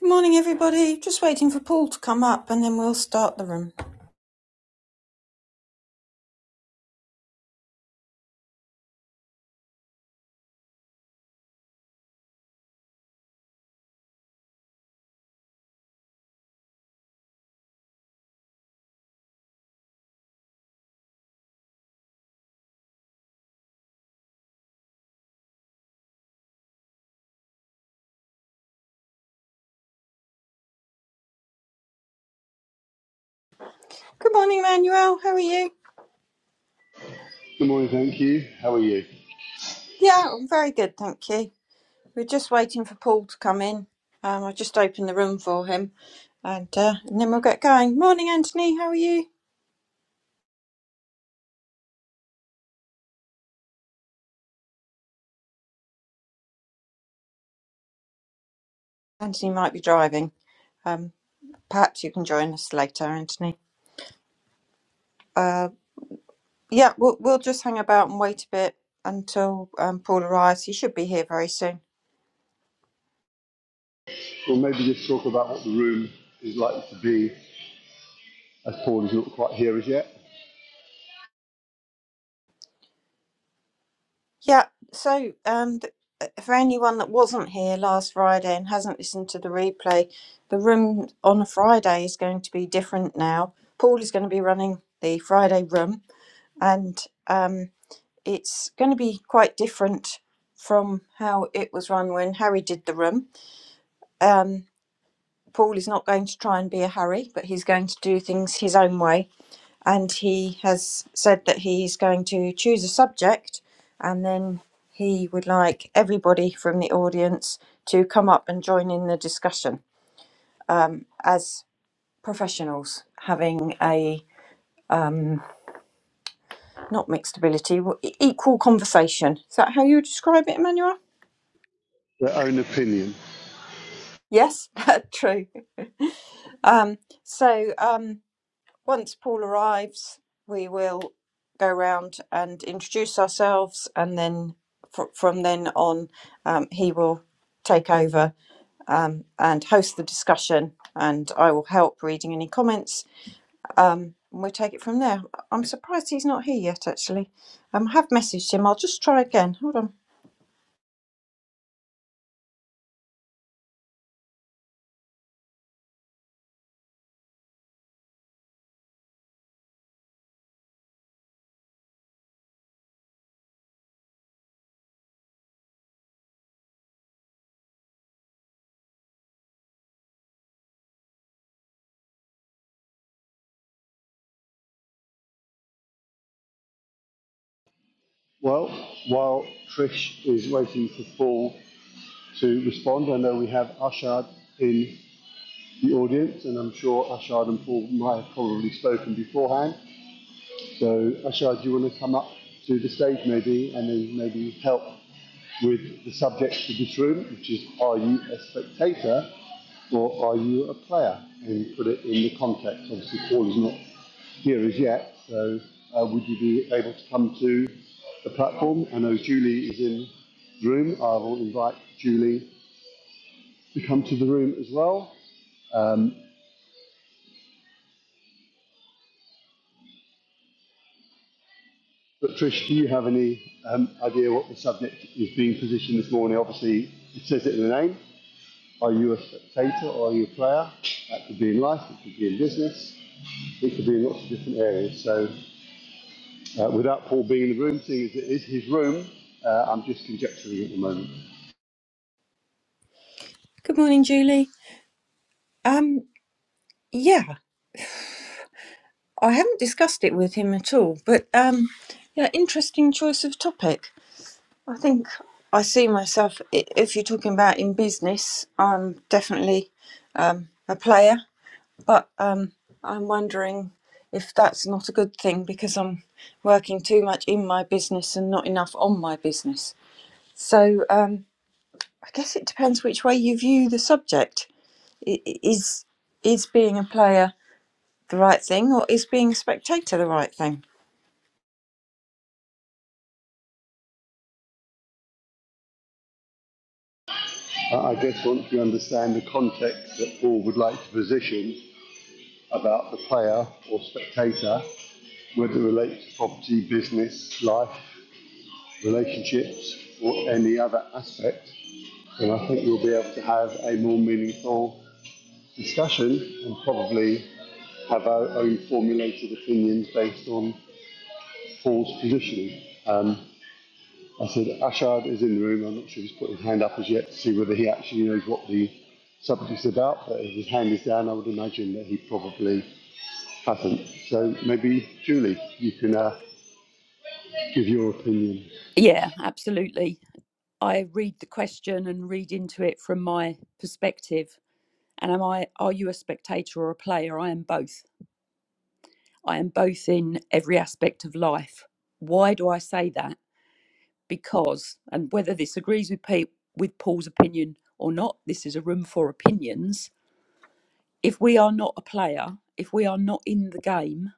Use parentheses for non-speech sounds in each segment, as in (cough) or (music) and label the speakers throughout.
Speaker 1: Good morning, everybody. Just waiting for Paul to come up and then we'll start the room. Good morning, Manuel. How are you?
Speaker 2: Good morning, thank you. How are you?
Speaker 1: Yeah, I'm very good, thank you. We're just waiting for Paul to come in. Um, I just opened the room for him and, uh, and then we'll get going. Morning, Anthony. How are you? Anthony might be driving. Um, perhaps you can join us later, Anthony. Uh, yeah, we'll, we'll just hang about and wait a bit until um, Paul arrives. He should be here very soon.
Speaker 2: We'll maybe just talk about what the room is likely to be, as Paul is not quite here as yet.
Speaker 1: Yeah, so um, th- uh, for anyone that wasn't here last Friday and hasn't listened to the replay, the room on a Friday is going to be different now. Paul is going to be running the Friday room, and um, it's going to be quite different from how it was run when Harry did the room. Um, Paul is not going to try and be a Harry, but he's going to do things his own way and he has said that he's going to choose a subject and then he would like everybody from the audience to come up and join in the discussion um, as professionals having a um, not mixed ability w- e- equal conversation is that how you describe it emmanuel
Speaker 2: Their own opinion.
Speaker 1: yes (laughs) true um, so um, once Paul arrives, we will go round and introduce ourselves, and then fr- from then on, um, he will take over um, and host the discussion, and I will help reading any comments. Um, and we'll take it from there. I'm surprised he's not here yet, actually. Um, I have messaged him. I'll just try again. Hold on.
Speaker 2: Well, while Trish is waiting for Paul to respond, I know we have Ashad in the audience, and I'm sure Ashad and Paul might have probably spoken beforehand. So, Ashad, do you want to come up to the stage maybe, and then maybe help with the subject of this room, which is Are You a Spectator or are you a player? And put it in the context. Obviously, Paul is not here as yet, so uh, would you be able to come to the platform? I know Julie is in the room. I will invite Julie to come to the room as well. Um, but Trish, do you have any um, idea what the subject is being positioned this morning? Obviously, it says it in the name. Are you a spectator or are you a player? That could be in life, it could be in business, it could be in lots of different areas. So Uh, without Paul being in the room, seeing as it is his room, uh, I'm just conjecturing at the moment.
Speaker 1: Good morning, Julie. Um, yeah, I haven't discussed it with him at all, but um, yeah, interesting choice of topic. I think I see myself, i- if you're talking about in business, I'm definitely um, a player, but um, I'm wondering if that's not a good thing because I'm working too much in my business and not enough on my business. So um, I guess it depends which way you view the subject. I- i- Is, is being a player the right thing or is being a spectator the right thing?
Speaker 2: Uh, I guess once we understand the context that Paul would like to position about the player or spectator, whether it relates to property, business, life, relationships, or any other aspect, then I think we'll be able to have a more meaningful discussion and probably have our own formulated opinions based on Paul's positioning. Um, I said, Ashard is in the room. I'm not sure he's put his hand up as yet to see whether he actually knows what the subject is about, but if his hand is down, I would imagine that he probably hasn't. So maybe, Julie, you can uh, give your opinion.
Speaker 3: Yeah, absolutely. I read the question and read into it from my perspective. And am I are you a spectator or a player? I am both. I am both in every aspect of life. Why do I say that? Because and whether this agrees with Pete with Paul's opinion or not, this is a room for opinions. If we are not a player, if we are not in the game,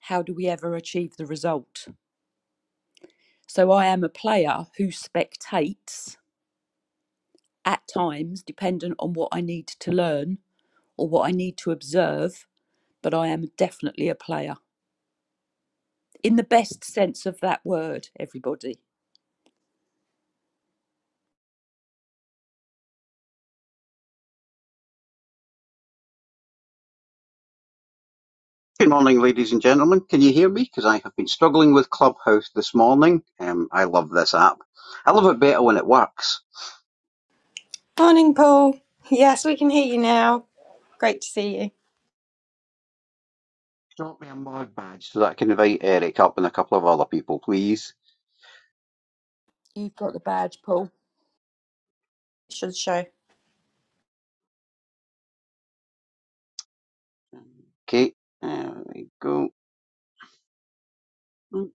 Speaker 3: how do we ever achieve the result? So I am a player who spectates at times, dependent on what I need to learn or what I need to observe, but I am definitely a player in the best sense of that word, everybody.
Speaker 4: Good morning, ladies and gentlemen. Can you hear me? Because I have been struggling with Clubhouse this morning. Um, I love this app. I love it better when it works.
Speaker 1: Morning, Paul. Yes, we can hear you now. Great to see you.
Speaker 4: Drop me a mod badge so that I can invite Eric up and a couple of other people, please.
Speaker 3: You've got the badge, Paul.
Speaker 1: Should show.
Speaker 4: Okay. there we go. Off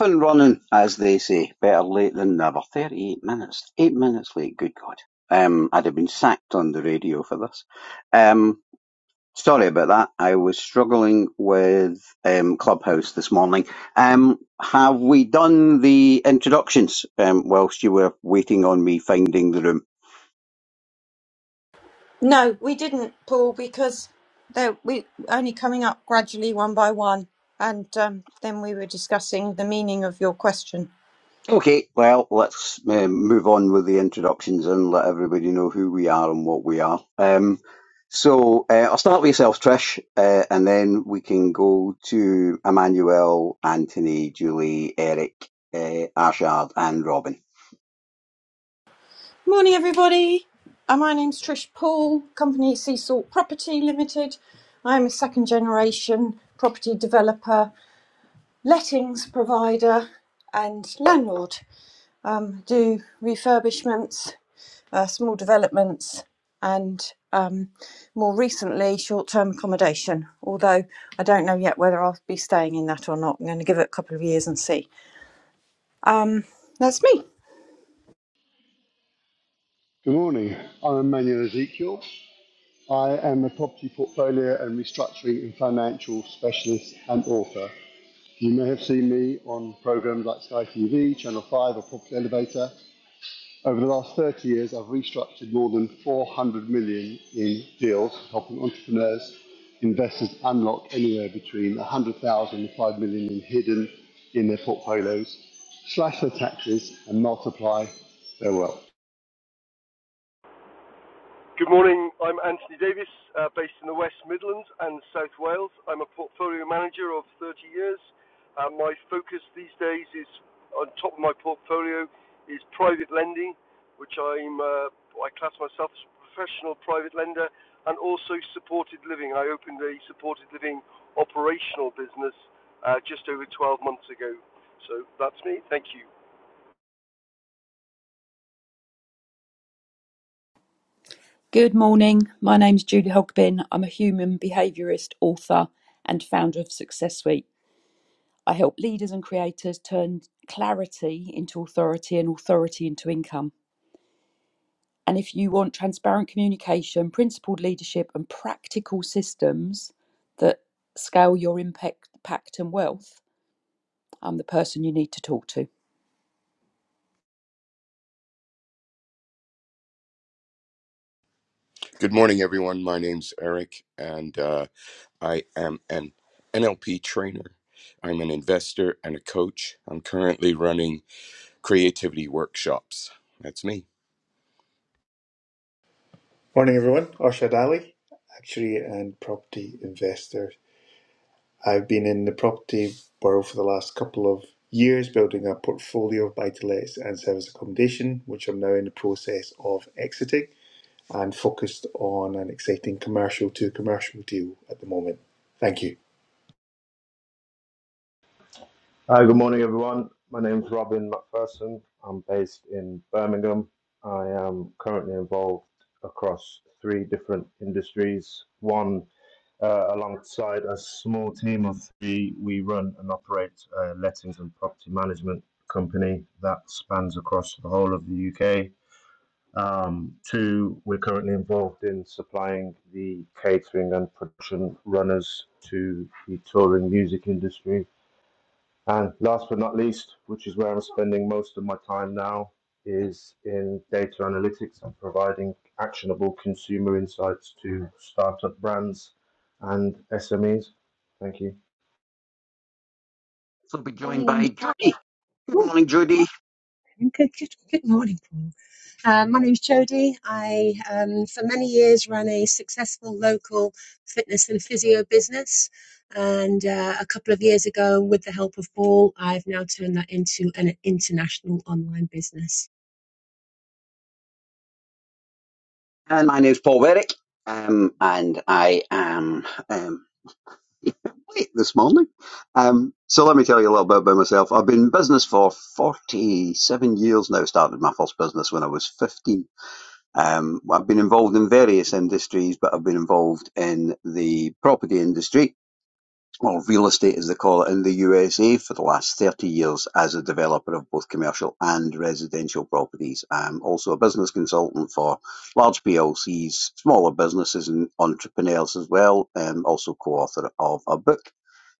Speaker 4: and running, as they say. Better late than never. 38 minutes. 8 minutes late, good God. Um, I'd have been sacked on the radio for this. Um. Sorry about that. I was struggling with um, Clubhouse this morning. Um, have we done the introductions um, whilst you were waiting on me finding the room?
Speaker 1: No, we didn't, Paul, because they we only coming up gradually one by one, and um, then we were discussing the meaning of your question.
Speaker 4: Okay, well, let's um, move on with the introductions and let everybody know who we are and what we are. Um, so uh, I'll start with yourself, Trish, uh, and then we can go to Emmanuel, Anthony, Julie, Eric, uh, Ashard, and Robin.
Speaker 1: Morning, everybody. Uh, my name's Trish Paul, company Sea Salt Property Limited. I'm a second generation property developer, lettings provider, and landlord. Um, do refurbishments uh, small developments, and um, more recently, short term accommodation. Although I don't know yet whether I'll be staying in that or not. I'm going to give it a couple of years and see. Um, that's me.
Speaker 2: Good morning. I'm Emmanuel Ezekiel. I am a property portfolio and restructuring and financial specialist and author. You may have seen me on programs like Sky TV, Channel 5, or Property Elevator. Over the last 30 years, I've restructured more than 400 million in deals, helping entrepreneurs, investors unlock anywhere between 100,000 and 5 million in hidden in their portfolios, slash their taxes, and multiply their wealth.
Speaker 5: Good morning. I'm Anthony Davis, uh, based in the West Midlands and South Wales. I'm a portfolio manager of 30 years. Uh, my focus these days is on top of my portfolio is private lending, which I'm uh, I class myself as a professional private lender, and also supported living. I opened a supported living operational business uh, just over 12 months ago. So that's me. Thank you.
Speaker 3: Good morning. My name's Julie Hogbin. I'm a human behaviourist, author, and founder of Success Suite. I help leaders and creators turn clarity into authority and authority into income. And if you want transparent communication, principled leadership, and practical systems that scale your impact, impact and wealth, I'm the person you need to talk to.
Speaker 6: Good morning, everyone. My name's Eric, and uh, I am an NLP trainer. I'm an investor and a coach. I'm currently running creativity workshops. That's me.
Speaker 7: Morning, everyone. Arshad Ali, actuary and property investor. I've been in the property world for the last couple of years, building a portfolio of buy to lets and service accommodation, which I'm now in the process of exiting and focused on an exciting commercial to commercial deal at the moment. Thank you.
Speaker 8: Hi, good morning, everyone. My name is Robin McPherson. I'm based in Birmingham. I am currently involved across three different industries. One, uh, alongside a small team of three, we run and operate a lettings and property management company that spans across the whole of the UK. Um, two, we're currently involved in supplying the catering and production runners to the touring music industry and last but not least, which is where I'm spending most of my time now, is in data analytics and providing actionable consumer insights to startup brands and SMEs. Thank you.
Speaker 4: So I'll be joined
Speaker 9: Morning,
Speaker 4: by
Speaker 9: Andrew.
Speaker 4: Judy. Good
Speaker 9: Ooh,
Speaker 4: morning, Judy.
Speaker 9: Good, good, good morning, Paul. Um, my name's Jodie. I, um, for many years, ran a successful local fitness and physio business. And uh, a couple of years ago, with the help of Paul, I've now turned that into an international online business.
Speaker 4: And my name's Paul Berwick, um, and I am um, (laughs) late this morning. Um, so let me tell you a little bit about myself. I've been in business for 47 years now. Started my first business when I was 15. Um, I've been involved in various industries, but I've been involved in the property industry well, real estate, as they call it in the USA, for the last 30 years as a developer of both commercial and residential properties. I'm also a business consultant for large PLCs, smaller businesses, and entrepreneurs as well. I'm also co author of a book.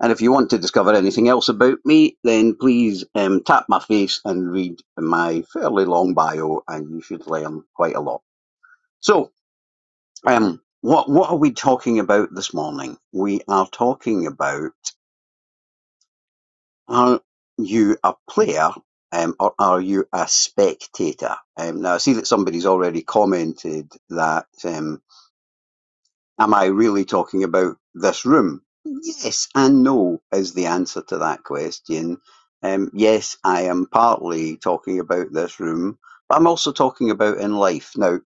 Speaker 4: And if you want to discover anything else about me, then please um, tap my face and read my fairly long bio, and you should learn quite a lot. So, um, what, what are we talking about this morning? We are talking about Are you a player um, or are you a spectator? Um, now, I see that somebody's already commented that, um, am I really talking about this room? Yes and no is the answer to that question. Um, yes, I am partly talking about this room, but I'm also talking about in life. Now,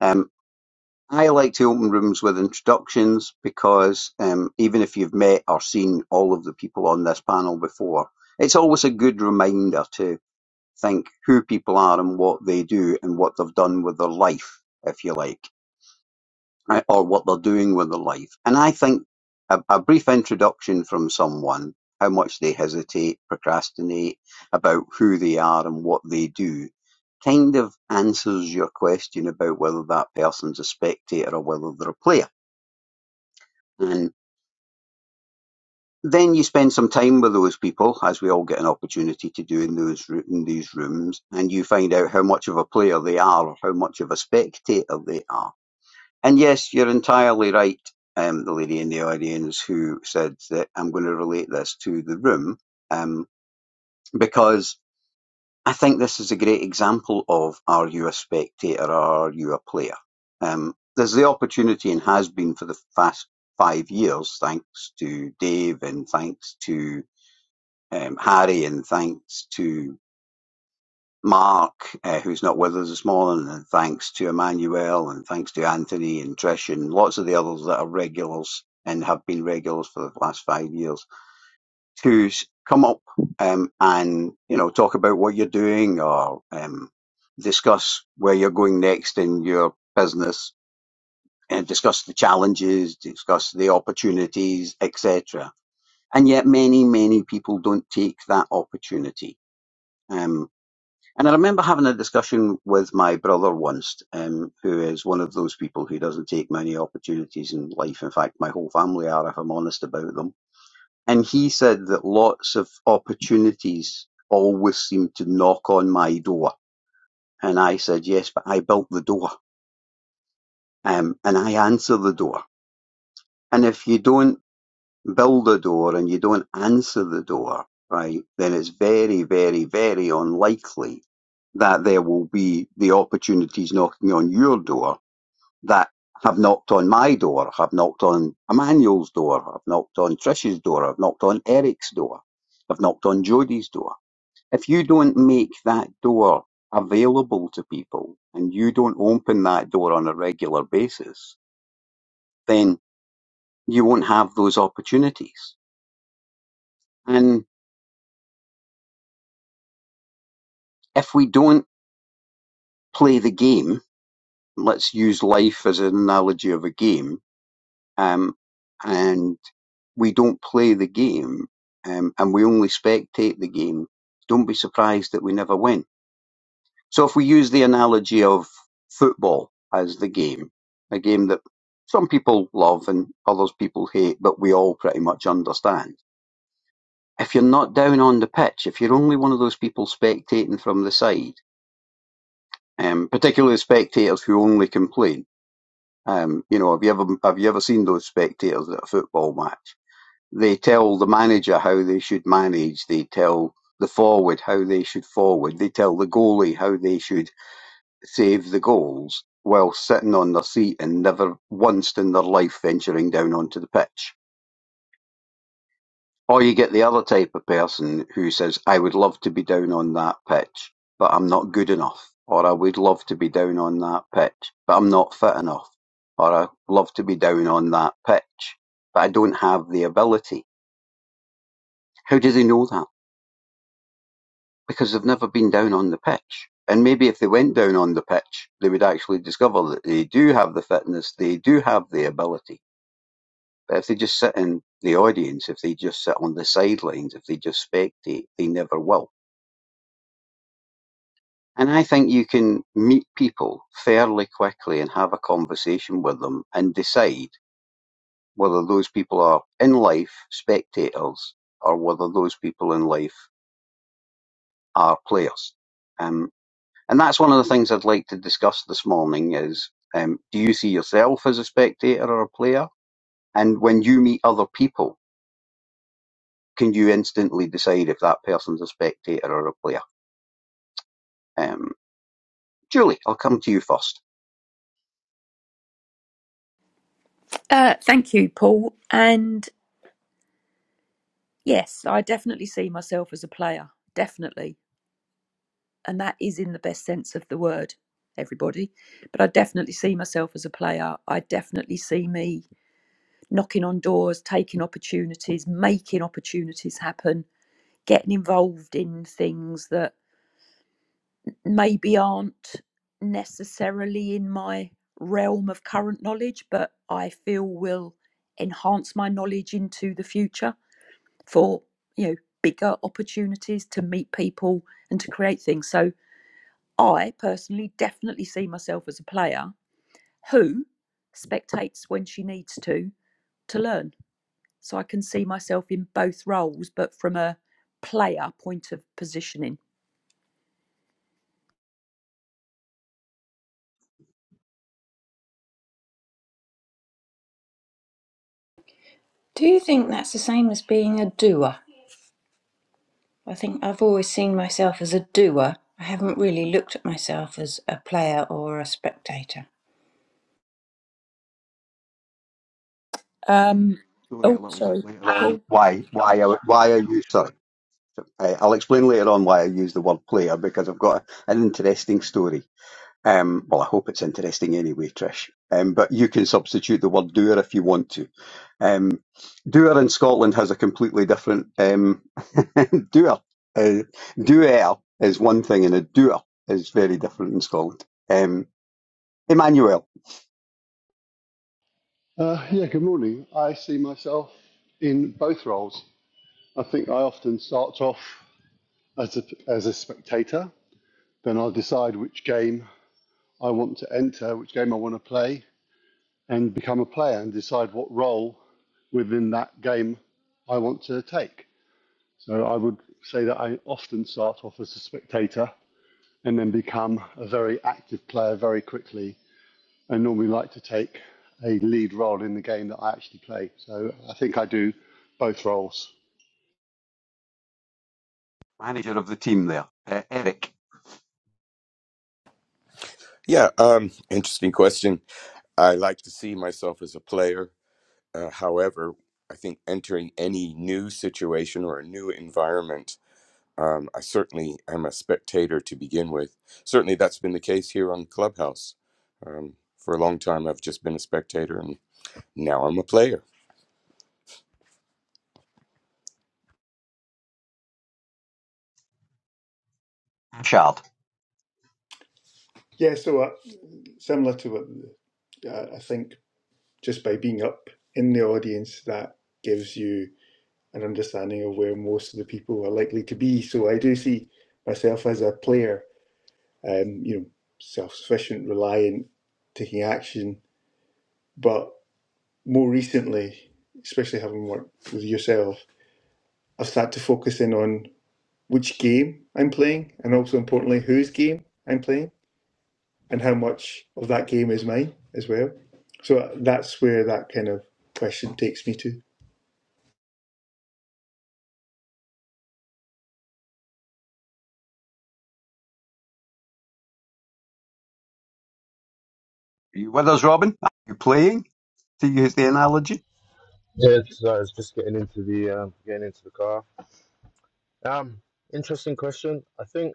Speaker 4: um, I like to open rooms with introductions because um, even if you've met or seen all of the people on this panel before, it's always a good reminder to think who people are and what they do and what they've done with their life, if you like right, or what they're doing with their life. And I think a, a brief introduction from someone, how much they hesitate, procrastinate, about who they are and what they do, kind of answers your question about whether that person's a spectator or whether they're a player. And then you spend some time with those people, as we all get an opportunity to do in those in these rooms, and you find out how much of a player they are or how much of a spectator they are And yes, you're entirely right, um, the lady in the audience who said that I'm going to relate this to the room, um, because I think this is a great example of are you a spectator or are you a player? Um, there's the opportunity and has been for the past five years, thanks to Dave and thanks to um, Harry and thanks to Mark, uh, who's not with us this morning, and thanks to Emmanuel, and thanks to Anthony and Trish, and lots of the others that are regulars and have been regulars for the last five years, to come up um, and you know talk about what you're doing or um, discuss where you're going next in your business, and discuss the challenges, discuss the opportunities, etc. And yet, many many people don't take that opportunity. Um, and I remember having a discussion with my brother once, um, who is one of those people who doesn't take many opportunities in life. In fact, my whole family are, if I'm honest about them. And he said that lots of opportunities always seem to knock on my door. And I said, yes, but I built the door. Um, and I answer the door. And if you don't build a door and you don't answer the door, right, then it's very, very, very unlikely that there will be the opportunities knocking on your door that have knocked on my door, have knocked on Emmanuel's door, have knocked on Trish's door, have knocked on Eric's door, have knocked on Jody's door. If you don't make that door available to people and you don't open that door on a regular basis, then you won't have those opportunities. and. if we don't play the game, let's use life as an analogy of a game, um, and we don't play the game, um, and we only spectate the game, don't be surprised that we never win. So if we use the analogy of football as the game, a game that some people love and others people hate, but we all pretty much understand. If you're not down on the pitch, if you're only one of those people spectating from the side, um, particularly spectators who only complain, Um, you know, have you ever have you ever seen those spectators at a football match? They tell the manager how they should manage. They tell the forward how they should forward. They tell the goalie how they should save the goals while sitting on their seat and never once in their life venturing down onto the pitch. Or you get the other type of person who says, I would love to be down on that pitch, but I'm not good enough. Or I would love to be down on that pitch, but I'm not fit enough. Or I love to be down on that pitch, but I don't have the ability. How do they know that? Because they've never been down on the pitch. And maybe if they went down on the pitch, they would actually discover that they do have the fitness, they do have the ability. But if they just sit in the audience, if they just sit on the sidelines, if they just spectate, they never will. And I think you can meet people fairly quickly and have a conversation with them and decide whether those people are in life spectators or whether those people in life are players. Um, and that's one of the things I'd like to discuss this morning is um, do you see yourself as a spectator or a player? And when you meet other people, can you instantly decide if that person's a spectator or a player? Um, Julie, I'll come to you first.
Speaker 3: Uh, thank you, Paul. And yes, I definitely see myself as a player, definitely. And that is in the best sense of the word, everybody. But I definitely see myself as a player. I definitely see me knocking on doors, taking opportunities, making opportunities happen, getting involved in things that maybe aren't necessarily in my realm of current knowledge, but I feel will enhance my knowledge into the future for, you know, bigger opportunities to meet people and to create things. So I personally definitely see myself as a player who spectates when she needs to to learn. So I can see myself in both roles, but from a player point of positioning.
Speaker 1: Do you think that's the same as being a doer? I think I've always seen myself as a doer. I haven't really looked at myself as a player or a spectator.
Speaker 3: Um,
Speaker 4: story a
Speaker 3: oh,
Speaker 4: little bit
Speaker 3: sorry,
Speaker 4: later on.
Speaker 3: Paul.
Speaker 4: why why I, why I use sorry, uh, I'll explain later on why I use the word player because I've got an interesting story. Um, well, I hope it's interesting anyway, Trish. Um, but you can substitute the word doer if you want to. Um, doer in Scotland has a completely different um, (laughs) doer. Uh, doer is one thing, and a doer is very different in Scotland. Um, Emmanuel,
Speaker 2: Uh, yeah, good morning. I see myself in both roles. I think I often start off as a, as a spectator, then I'll decide which game I want to enter, which game I want to play, and become a player and decide what role within that game I want to take. So I would say that I often start off as a spectator and then become a very active player very quickly and normally like to take a lead role in the game that I actually play. So I think I do both roles.
Speaker 4: manager of the team there, uh, Eric
Speaker 6: Yeah, um, interesting question. I like to see myself as a player. Uh, however, I think entering any new situation or a new environment, um, I certainly am a spectator to begin with. Certainly, that's been the case here on Clubhouse. Um, for a long time, I've just been a spectator, and. Now I'm a player.
Speaker 4: Ashard.
Speaker 7: Yeah, so uh, similar to what uh, I think just by being up in the audience, that gives you an understanding of where most of the people are likely to be. So I do see myself as a player, um, you know, self-sufficient, reliant, taking action. But more recently, especially having worked with yourself, I've started to focus in on which game I'm playing, and also importantly, whose game I'm playing, and how much of that game is mine as well. So that's where that kind of question takes me to.
Speaker 4: Are you with us, Robin? Are you playing? to use the analogy.
Speaker 8: Yeah, so I was just getting into the um, getting into the car. Um, interesting question. I think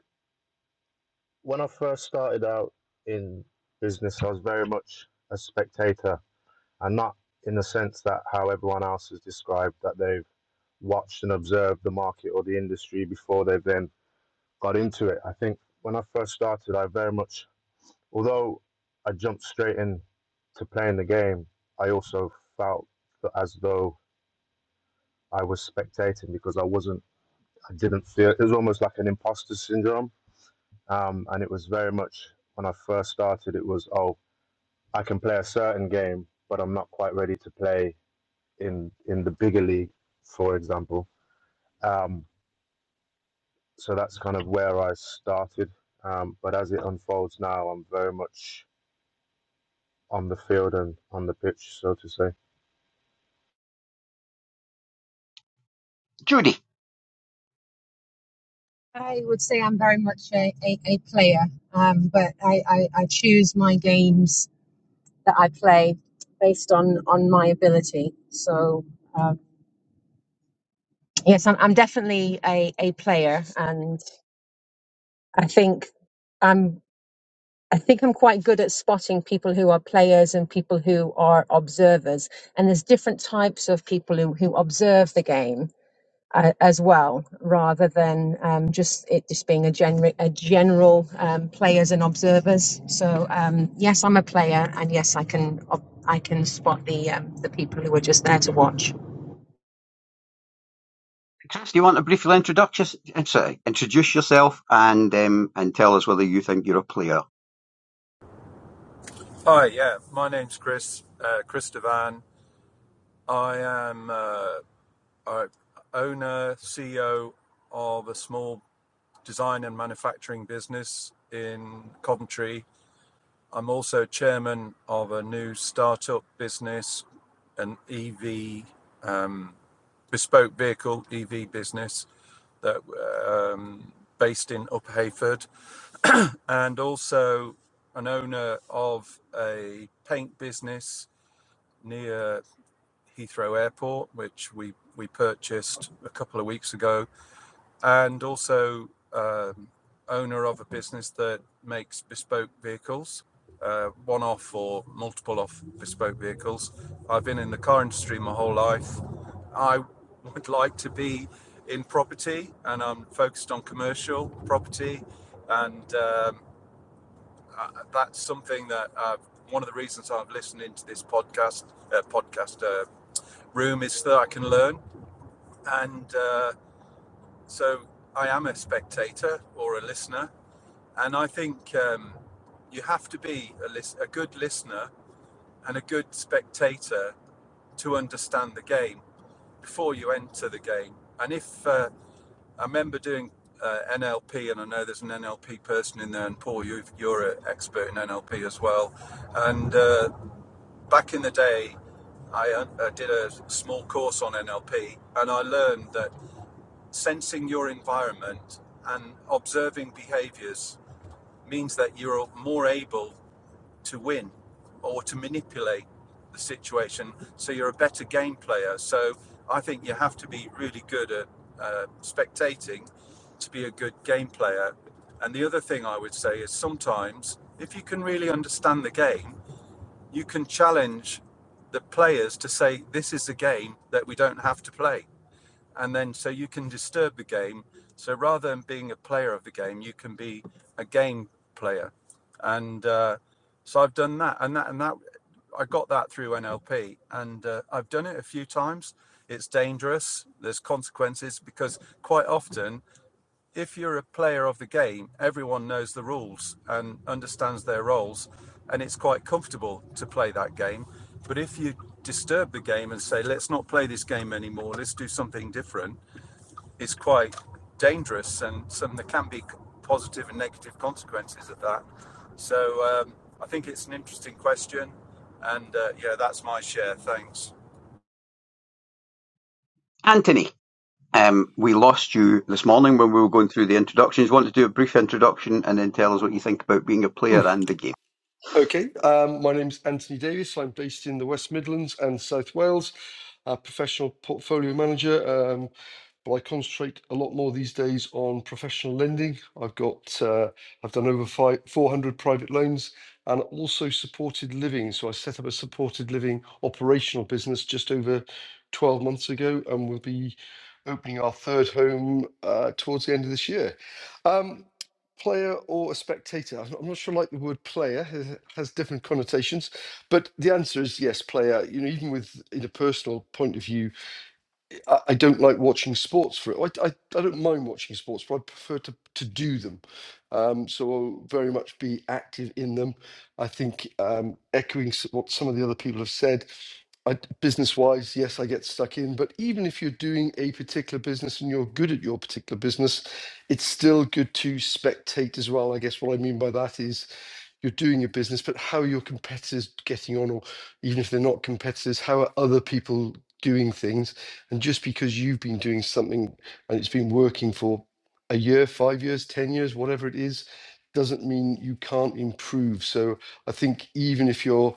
Speaker 8: when I first started out in business, I was very much a spectator, and not in the sense that how everyone else has described that they've watched and observed the market or the industry before they've then got into it. I think when I first started, I very much, although I jumped straight in to playing the game, I also felt as though I was spectating because I wasn't, I didn't feel, it was almost like an imposter syndrome. Um, and it was very much when I first started, it was, oh, I can play a certain game, but I'm not quite ready to play in, in the bigger league, for example. Um, so that's kind of where I started. Um, but as it unfolds now, I'm very much on the field and on the pitch, so to say.
Speaker 4: Judy,
Speaker 9: I would say I'm very much a, a, a player, um, but I, I, I choose my games that I play based on, on my ability. So. Yes, I'm, I'm definitely a, a player, and I think I'm I think I'm quite good at spotting people who are players and people who are observers. And there's different types of people who, who observe the game uh, as well, rather than um, just it just being a, gen- a general um, players and observers. So um, yes, I'm a player, and yes, I can ob- I can spot the um, the people who are just there to watch.
Speaker 4: do you want to briefly introduce, sorry, introduce yourself and um, and tell us whether you think you're a player?
Speaker 10: Hi, yeah, my name's Chris, uh, Chris Devan. I am uh, owner, CEO of a small design and manufacturing business in Coventry. I'm also chairman of a new startup business, an EV um, bespoke vehicle EV business that um, based in Uphayford, and also an owner of a paint business near Heathrow Airport, which we, we purchased a couple of weeks ago, and also um, owner of a business that makes bespoke vehicles, uh, one off or multiple off bespoke vehicles. I've been in the car industry my whole life. I would like to be in property, and I'm focused on commercial property, and um, I, that's something that I've, one of the reasons I'm listening to this podcast, uh, podcast uh, room is so that I can learn. And uh, so I am a spectator or a listener. And I think um, you have to be a, lis- a good listener and a good spectator to understand the game before you enter the game. And if uh, I remember doing uh, NLP, and I know there's an NLP person in there, and Paul, you've, you're an expert in NLP as well. And uh, back in the day, I, uh, I did a small course on NLP, and I learned that Sensing your environment and observing behaviors means that you're more able to win or to manipulate the situation. So you're a better game player. So I think you have to be really good at uh, spectating to be a good game player. And the other thing I would say is sometimes, if you can really understand the game, you can challenge the players to say, This is a game that we don't have to play and then so you can disturb the game. So rather than being a player of the game, you can be a game player, and uh, so I've done that, and that and that I got that through NLP, and uh, I've done it a few times. It's dangerous. There's consequences because quite often, if you're a player of the game, everyone knows the rules and understands their roles, and it's quite comfortable to play that game. But if you disturb the game and say, let's not play this game anymore, let's do something different, is quite dangerous and some there can be positive and negative consequences of that. So um, I think it's an interesting question. And uh, yeah, that's my share. Thanks.
Speaker 4: Anthony, um, we lost you this morning when we were going through the introductions. Want to do a brief introduction and then tell us what you think about being a player and the game?
Speaker 5: Okay, um, my name's Anthony Davis. I'm based in the West Midlands and South Wales, a professional portfolio manager. Um, but I concentrate a lot more these days on professional lending. I've got, uh, I've done over five, 400 private loans and also supported living. So I set up a supported living operational business just over 12 months ago, and we'll be opening our third home uh, towards the end of this year. Um, player or a spectator? I'm not I'm not sure. Like the word player has, has different connotations, but the answer is yes, player. You know, even with in a personal point of view, I I don't like watching sports for it. I, I, I don't mind watching sports, but I prefer to, to do them. Um, so I'll very much be active in them. I think um, echoing s- what some of the other people have said, I, business-wise, yes, I get stuck in. But even if you're doing a particular business and you're good at your particular business, it's still good to spectate as well. I guess what I mean by that is you're doing your business, but how are your competitors getting on, or even if they're not competitors, how are other people doing things? And just because you've been doing something and it's been working for a year, five years, 10 years, whatever it is, doesn't mean you can't improve. So I think even if you're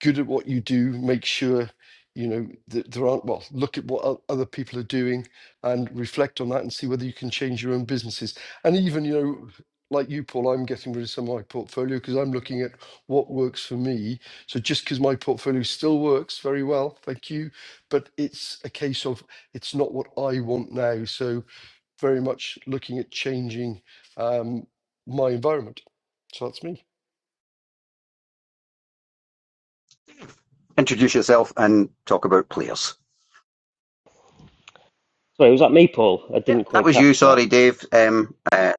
Speaker 5: good at what you do make sure you know that there aren't well look at what o- other people are doing and reflect on that and see whether you can change your own businesses and even you know like you paul i'm getting rid of some of my portfolio because i'm looking at what works for me so just because my portfolio still works very well thank you but it's a case of it's not what i want now so very much looking at changing um, my environment so that's me
Speaker 4: Introduce yourself and talk about players.
Speaker 11: Sorry, was that me, Paul? I didn't
Speaker 4: Yep, that
Speaker 11: quite
Speaker 4: was you.
Speaker 11: catch that.
Speaker 4: Sorry, Dave. Um, uh,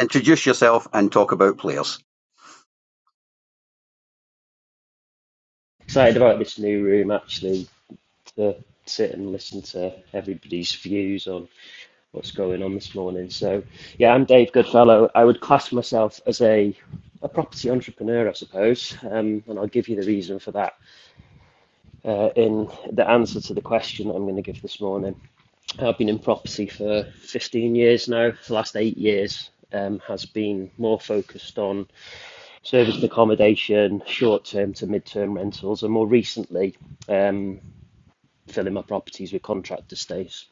Speaker 4: introduce yourself and talk about players.
Speaker 11: Excited about this new room, actually, to sit and listen to everybody's views on what's going on this morning. So, yeah, I'm Dave Goodfellow. I would class myself as a a property entrepreneur, I suppose, um, and I'll give you the reason for that uh, in the answer to the question I'm going to give this morning. I've been in property for 15 years now. The last eight years um, has been more focused on serviced accommodation, short term to mid term rentals, and more recently, um, filling my properties with contractor stays.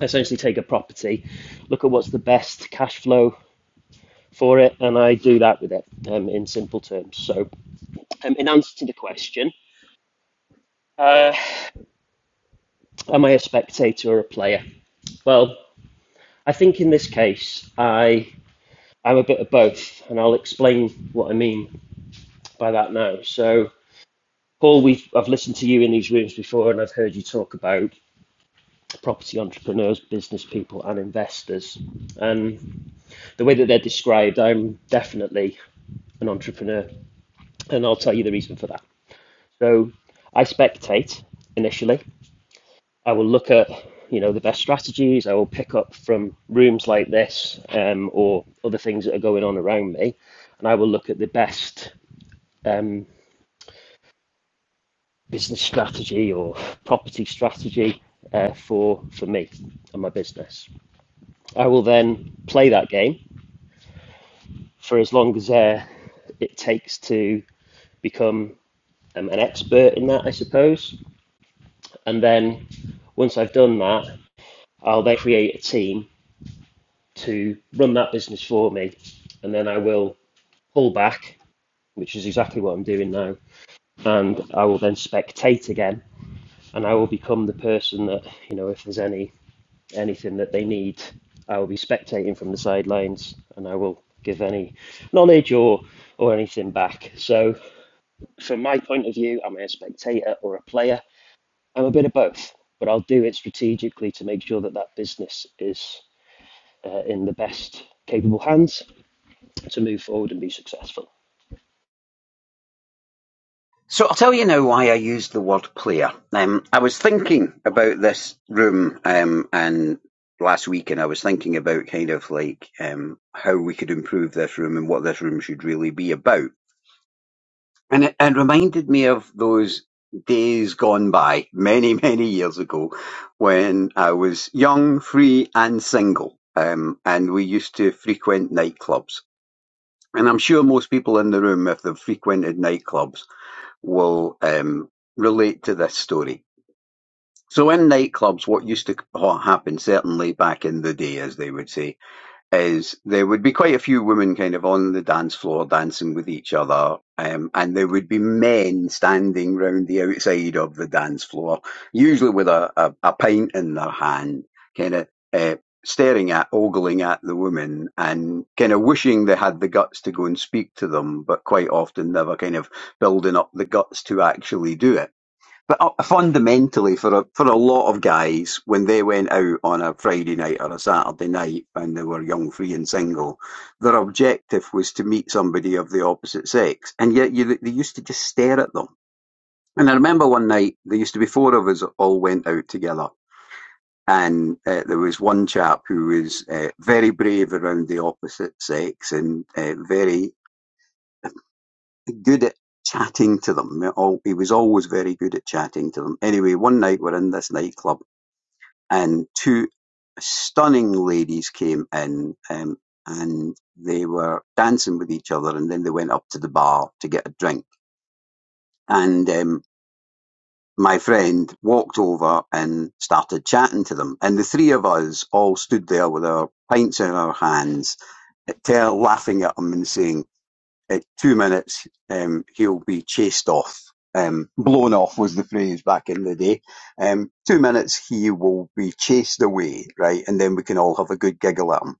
Speaker 11: I essentially take a property, look at what's the best cash flow for it, and I do that with it um, in simple terms. So, um, in answer to the question, uh, am I a spectator or a player? Well, I think in this case, I I'm a bit of both, and I'll explain what I mean by that now. So, Paul, we've I've listened to you in these rooms before, and I've heard you talk about property entrepreneurs, business people, and investors. And the way that they're described, I'm definitely an entrepreneur, and I'll tell you the reason for that. So I spectate initially. I will look at you know the best strategies. I will pick up from rooms like this um, or other things that are going on around me, and I will look at the best um, business strategy or property strategy uh, for for me and my business. I will then play that game for as long as uh, it takes to become um, an expert in that, I suppose. And then once I've done that, I'll then create a team to run that business for me. And then I will pull back, which is exactly what I'm doing now. And I will then spectate again. And I will become the person that, you know, if there's any anything that they need, I will be spectating from the sidelines and I will give any knowledge or or anything back. So from my point of view, I'm a spectator or a player I'm a bit of both, but I'll do it strategically to make sure that that business is uh, in the best capable hands to move forward and be successful.
Speaker 4: So I'll tell you now why I used the word player. Um, I was thinking about this room um, and last week, and I was thinking about kind of like um, how we could improve this room and what this room should really be about. And it, it reminded me of those days gone by many, (laughs) many years ago when I was young, free, and single. Um, and we used to frequent nightclubs. And I'm sure most people in the room, if they've frequented nightclubs, will um, relate to this story. So in nightclubs, what used to ha- happen, certainly back in the day, as they would say, is there would be quite a few women kind of on the dance floor dancing with each other, um, and there would be men standing round the outside of the dance floor, usually with a, a, a pint in their hand, kind of uh, staring at, ogling at the women, and kind of wishing they had the guts to go and speak to them, but quite often never kind of building up the guts to actually do it. But uh, fundamentally, for a, for a lot of guys, when they went out on a Friday night or a Saturday night and they were young, free, and single, their objective was to meet somebody of the opposite sex. And yet you, they used to just stare at them. And I remember one night, there used to be four of us all went out together. And uh, there was one chap who was uh, very brave around the opposite sex and uh, very good at chatting to them. He he was always very good at chatting to them. Anyway, one night we're in this nightclub and two stunning ladies came in um, and they were dancing with each other and then they went up to the bar to get a drink and um, my friend walked over and started chatting to them and the three of us all stood there with our pints in our hands laughing at them and saying at two minutes, um, he'll be chased off. Um, blown off was the phrase back in the day. Um, two minutes, he will be chased away, right? And then we can all have a good giggle at him.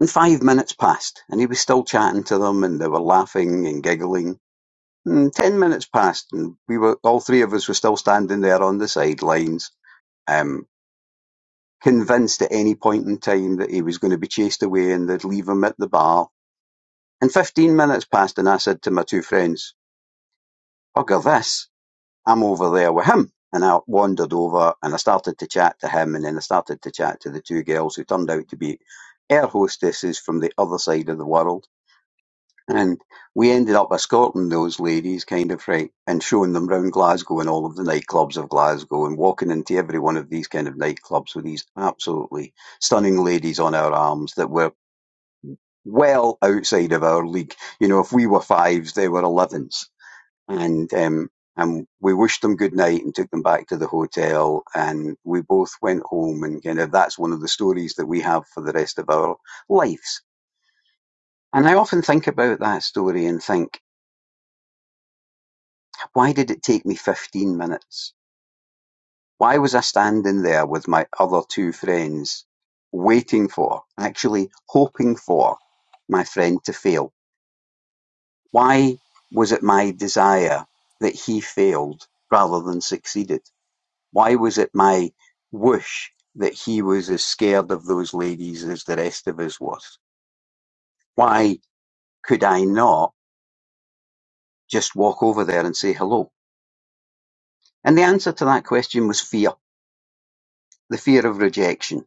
Speaker 4: And five minutes passed, and he was still chatting to them, and they were laughing and giggling. And ten minutes passed, and we were all three of us were still standing there on the sidelines, um, convinced at any point in time that he was going to be chased away and they'd leave him at the bar. And fifteen minutes passed, and I said to my two friends, bugger this. I'm over there with him. And I wandered over and I started to chat to him and then I started to chat to the two girls who turned out to be air hostesses from the other side of the world. And we ended up escorting those ladies kind of right and showing them round Glasgow and all of the nightclubs of Glasgow and walking into every one of these kind of nightclubs with these absolutely stunning ladies on our arms that were well outside of our league. You know, if we were fives, they were elevens and um, and we wished them good night and took them back to the hotel, and we both went home and kind of that's one of the stories that we have for the rest of our lives. And I often think about that story and think, why did it take me 15 minutes? Why was I standing there with my other two friends waiting for, actually hoping for my friend to fail? Why was it my desire that he failed rather than succeeded? Why was it my wish that he was as scared of those ladies as the rest of us was? Why could I not just walk over there and say hello? And the answer to that question was fear. The fear of rejection.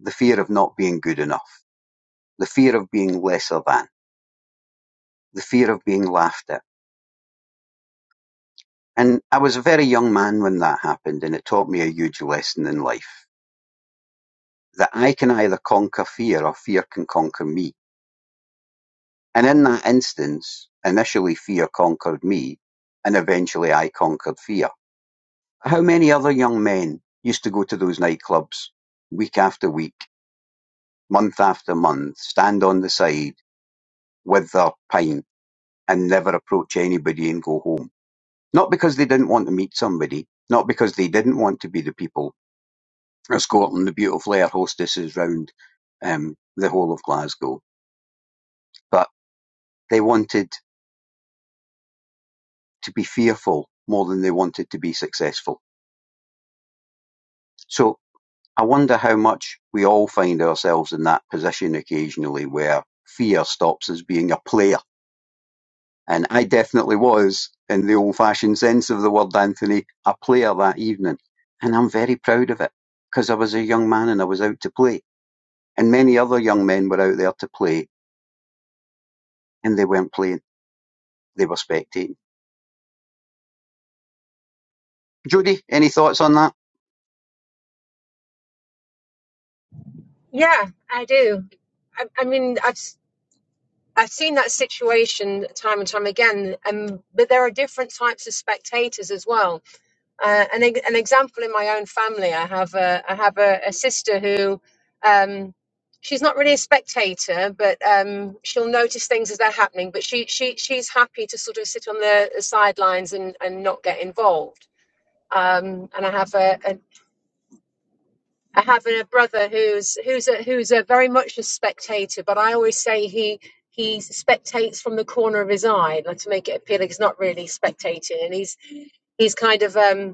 Speaker 4: The fear of not being good enough. The fear of being lesser than. The fear of being laughed at. And I was a very young man when that happened and it taught me a huge lesson in life. That I can either conquer fear or fear can conquer me And in that instance, initially fear conquered me, and eventually I conquered fear. How many other young men used to go to those nightclubs week after week, month after month, stand on the side with their pint and never approach anybody and go home? Not because they didn't want to meet somebody, not because they didn't want to be the people escorting the beautiful air hostesses round um, the whole of Glasgow, but they wanted to be fearful more than they wanted to be successful So I wonder how much we all find ourselves in that position occasionally where fear stops us being a player. And I definitely was, in the old fashioned sense of the word, Anthony, a player that evening. And I'm very proud of it because I was a young man and I was out to play. And many other young men were out there to play and they weren't playing, they were spectating. Judy, any thoughts on that?
Speaker 9: Yeah, I do. I, I mean, I've s- I've seen that situation time and time again, and but there are different types of spectators as well. Uh, an an example in my own family, I have a I have a, a sister who, um, she's not really a spectator, but um, she'll notice things as they're happening. But she she she's happy to sort of sit on the, sidelines and and not get involved. Um, and I have a, a, I have a brother who's who's a, who's a very much a spectator, but I always say he he spectates from the corner of his eye like, to make it appear like he's not really spectating, and he's he's kind of um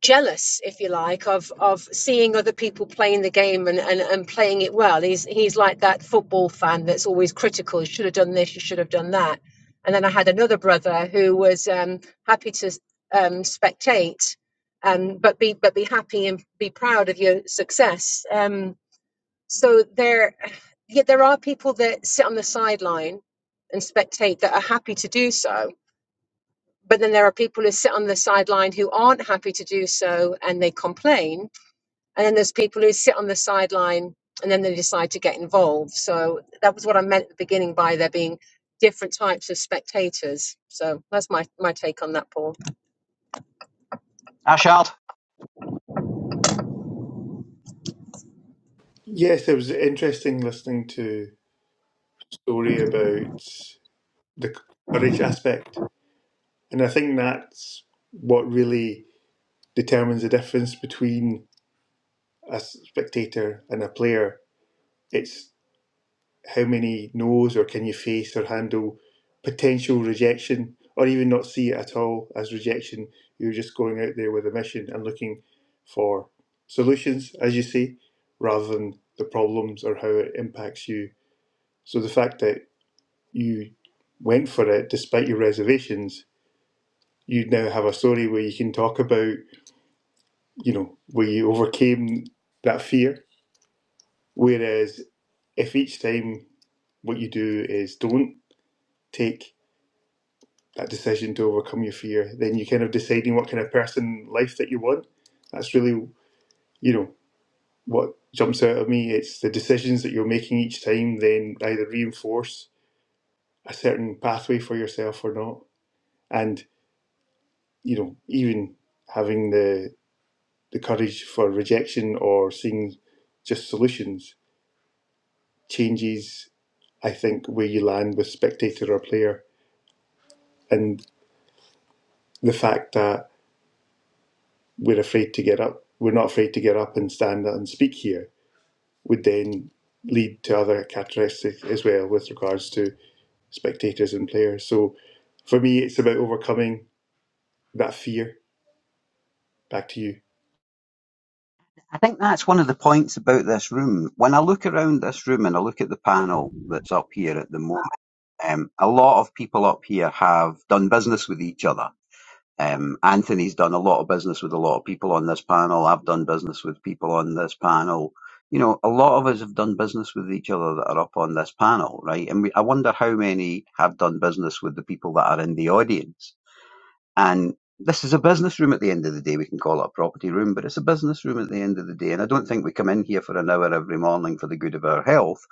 Speaker 9: jealous, if you like, of of seeing other people playing the game and, and, and playing it well. He's he's like that football fan that's always critical. You should have done this. You should have done that. And then I had another brother who was um, happy to um, spectate, um, but be but be happy and be proud of your success. Um, so there, yeah, there are people that sit on the sideline and spectate that are happy to do so but then there are people who sit on the sideline who aren't happy to do so and they complain. And then there's people who sit on the sideline and then they decide to get involved. So that was what I meant at the beginning by there being different types of spectators. So that's my, my take on that, Paul.
Speaker 4: Ashard?
Speaker 7: Yes, it was interesting listening to a story about the courage aspect. And I think that's what really determines the difference between a spectator and a player. It's how many no's or can you face or handle potential rejection or even not see it at all as rejection. You're just going out there with a mission and looking for solutions, as you say, rather than the problems or how it impacts you. So the fact that you went for it despite your reservations you now have a story where you can talk about, you know, where you overcame that fear. Whereas if each time what you do is don't take that decision to overcome your fear, then you're kind of deciding what kind of person life that you want. That's really, you know, what jumps out at me. It's the decisions that you're making each time then either reinforce a certain pathway for yourself or not. And, you know, even having the the courage for rejection or seeing just solutions changes, I think, where you land with spectator or player. And the fact that we're afraid to get up, we're not afraid to get up and stand and speak here, would then lead to other characteristics as well with regards to spectators and players. So for me, it's about overcoming that fear. Back to you.
Speaker 4: I think that's one of the points about this room. When I look around this room and I look at the panel that's up here at the moment, Um, a lot of people up here have done business with each other. Um, Anthony's done a lot of business with a lot of people on this panel. I've done business with people on this panel. You know, a lot of us have done business with each other that are up on this panel, right? And we, I wonder how many have done business with the people that are in the audience. And this is a business room at the end of the day. We can call it a property room, but it's a business room at the end of the day. And I don't think we come in here for an hour every morning for the good of our health.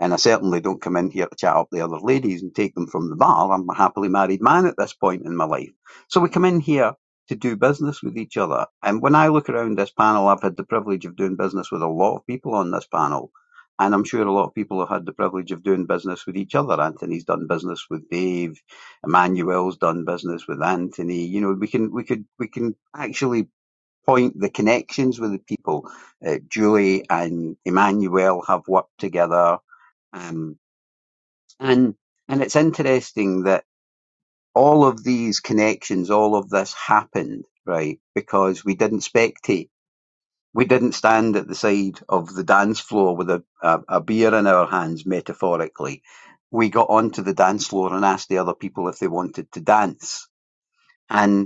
Speaker 4: And I certainly don't come in here to chat up the other ladies and take them from the bar. I'm a happily married man at this point in my life. So we come in here to do business with each other. And when I look around this panel, I've had the privilege of doing business with a lot of people on this panel. And I'm sure a lot of people have had the privilege of doing business with each other. Anthony's done business with Dave. Emmanuel's done business with Anthony. You know, we can we could we can actually point the connections with the people. Uh, Julie and Emmanuel have worked together, um, and and it's interesting that all of these connections, all of this happened right because we didn't spectate. We didn't stand at the side of the dance floor with a, a, a beer in our hands, metaphorically. We got onto the dance floor and asked the other people if they wanted to dance. and.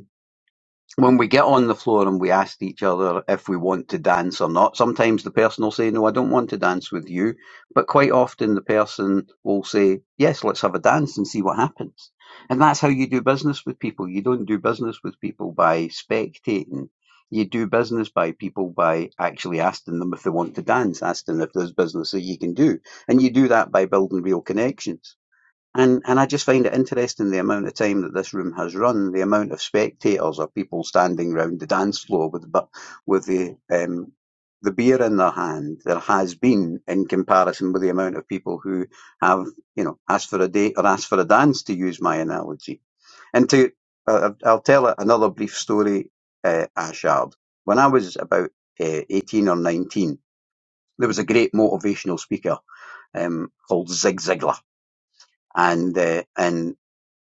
Speaker 4: when we get on the floor and we ask each other if we want to dance or not, sometimes the person will say, No, I don't want to dance with you. But quite often the person will say, Yes, let's have a dance and see what happens. And that's how you do business with people. You don't do business with people by spectating. You do business by people by actually asking them if they want to dance, asking if there's business that you can do. And you do that by building real connections. And and I just find it interesting the amount of time that this room has run, the amount of spectators or people standing round the dance floor with bu- with the um, the beer in their hand. There has been in comparison with the amount of people who have you know asked for a date or asked for a dance, to use my analogy. And to uh, I'll tell another brief story, uh, Ashard. When I was about uh, eighteen or nineteen, there was a great motivational speaker um, called Zig Ziglar and uh, and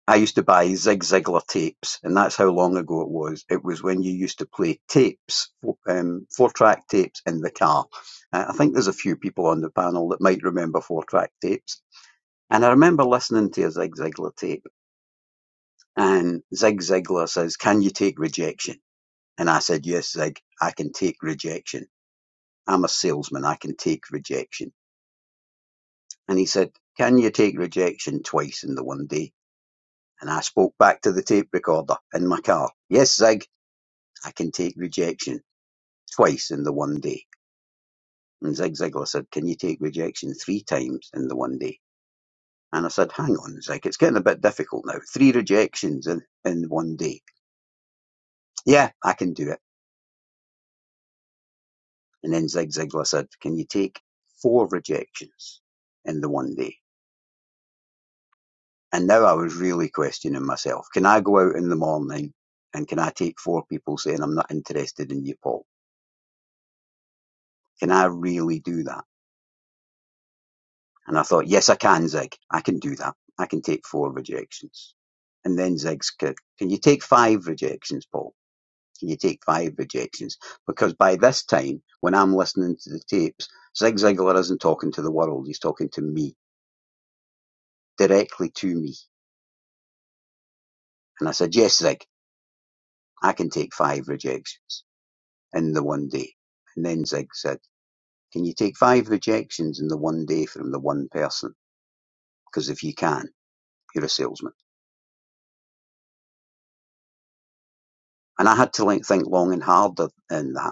Speaker 4: I used to buy Zig Ziglar tapes, and that's how long ago it was. It was when you used to play tapes, four, um, four-track tapes in the car. Uh, I think there's a few people on the panel that might remember four-track tapes. And I remember listening to a Zig Ziglar tape, and Zig Ziglar says, "Can you take rejection?" And I said, "Yes, Zig, I can take rejection. I'm a salesman. I can take rejection." And he said, "Can you take rejection twice in the one day?" And I spoke back to the tape recorder in my car. Yes, Zig, I can take rejection twice in the one day. And Zig Ziglar said, Can you take rejection three times in the one day? And I said, Hang on, Zig, it's getting a bit difficult now. Three rejections in, in one day. Yeah, I can do it. And then Zig Ziglar said, Can you take four rejections in the one day? And now I was really questioning myself. Can I go out in the morning and can I take four people saying I'm not interested in you, Paul? Can I really do that? And I thought, yes, I can, Zig. I can do that. I can take four rejections. And then Zig's, can, can you take five rejections, Paul? Can you take five rejections? Because by this time, when I'm listening to the tapes, Zig Ziglar isn't talking to the world. He's talking to me, directly to me. And I said, yes, Zig, I can take five rejections in the one day. And then Zig said, can you take five rejections in the one day from the one person? Because if you can, you're a salesman. And I had to like think long and hard in that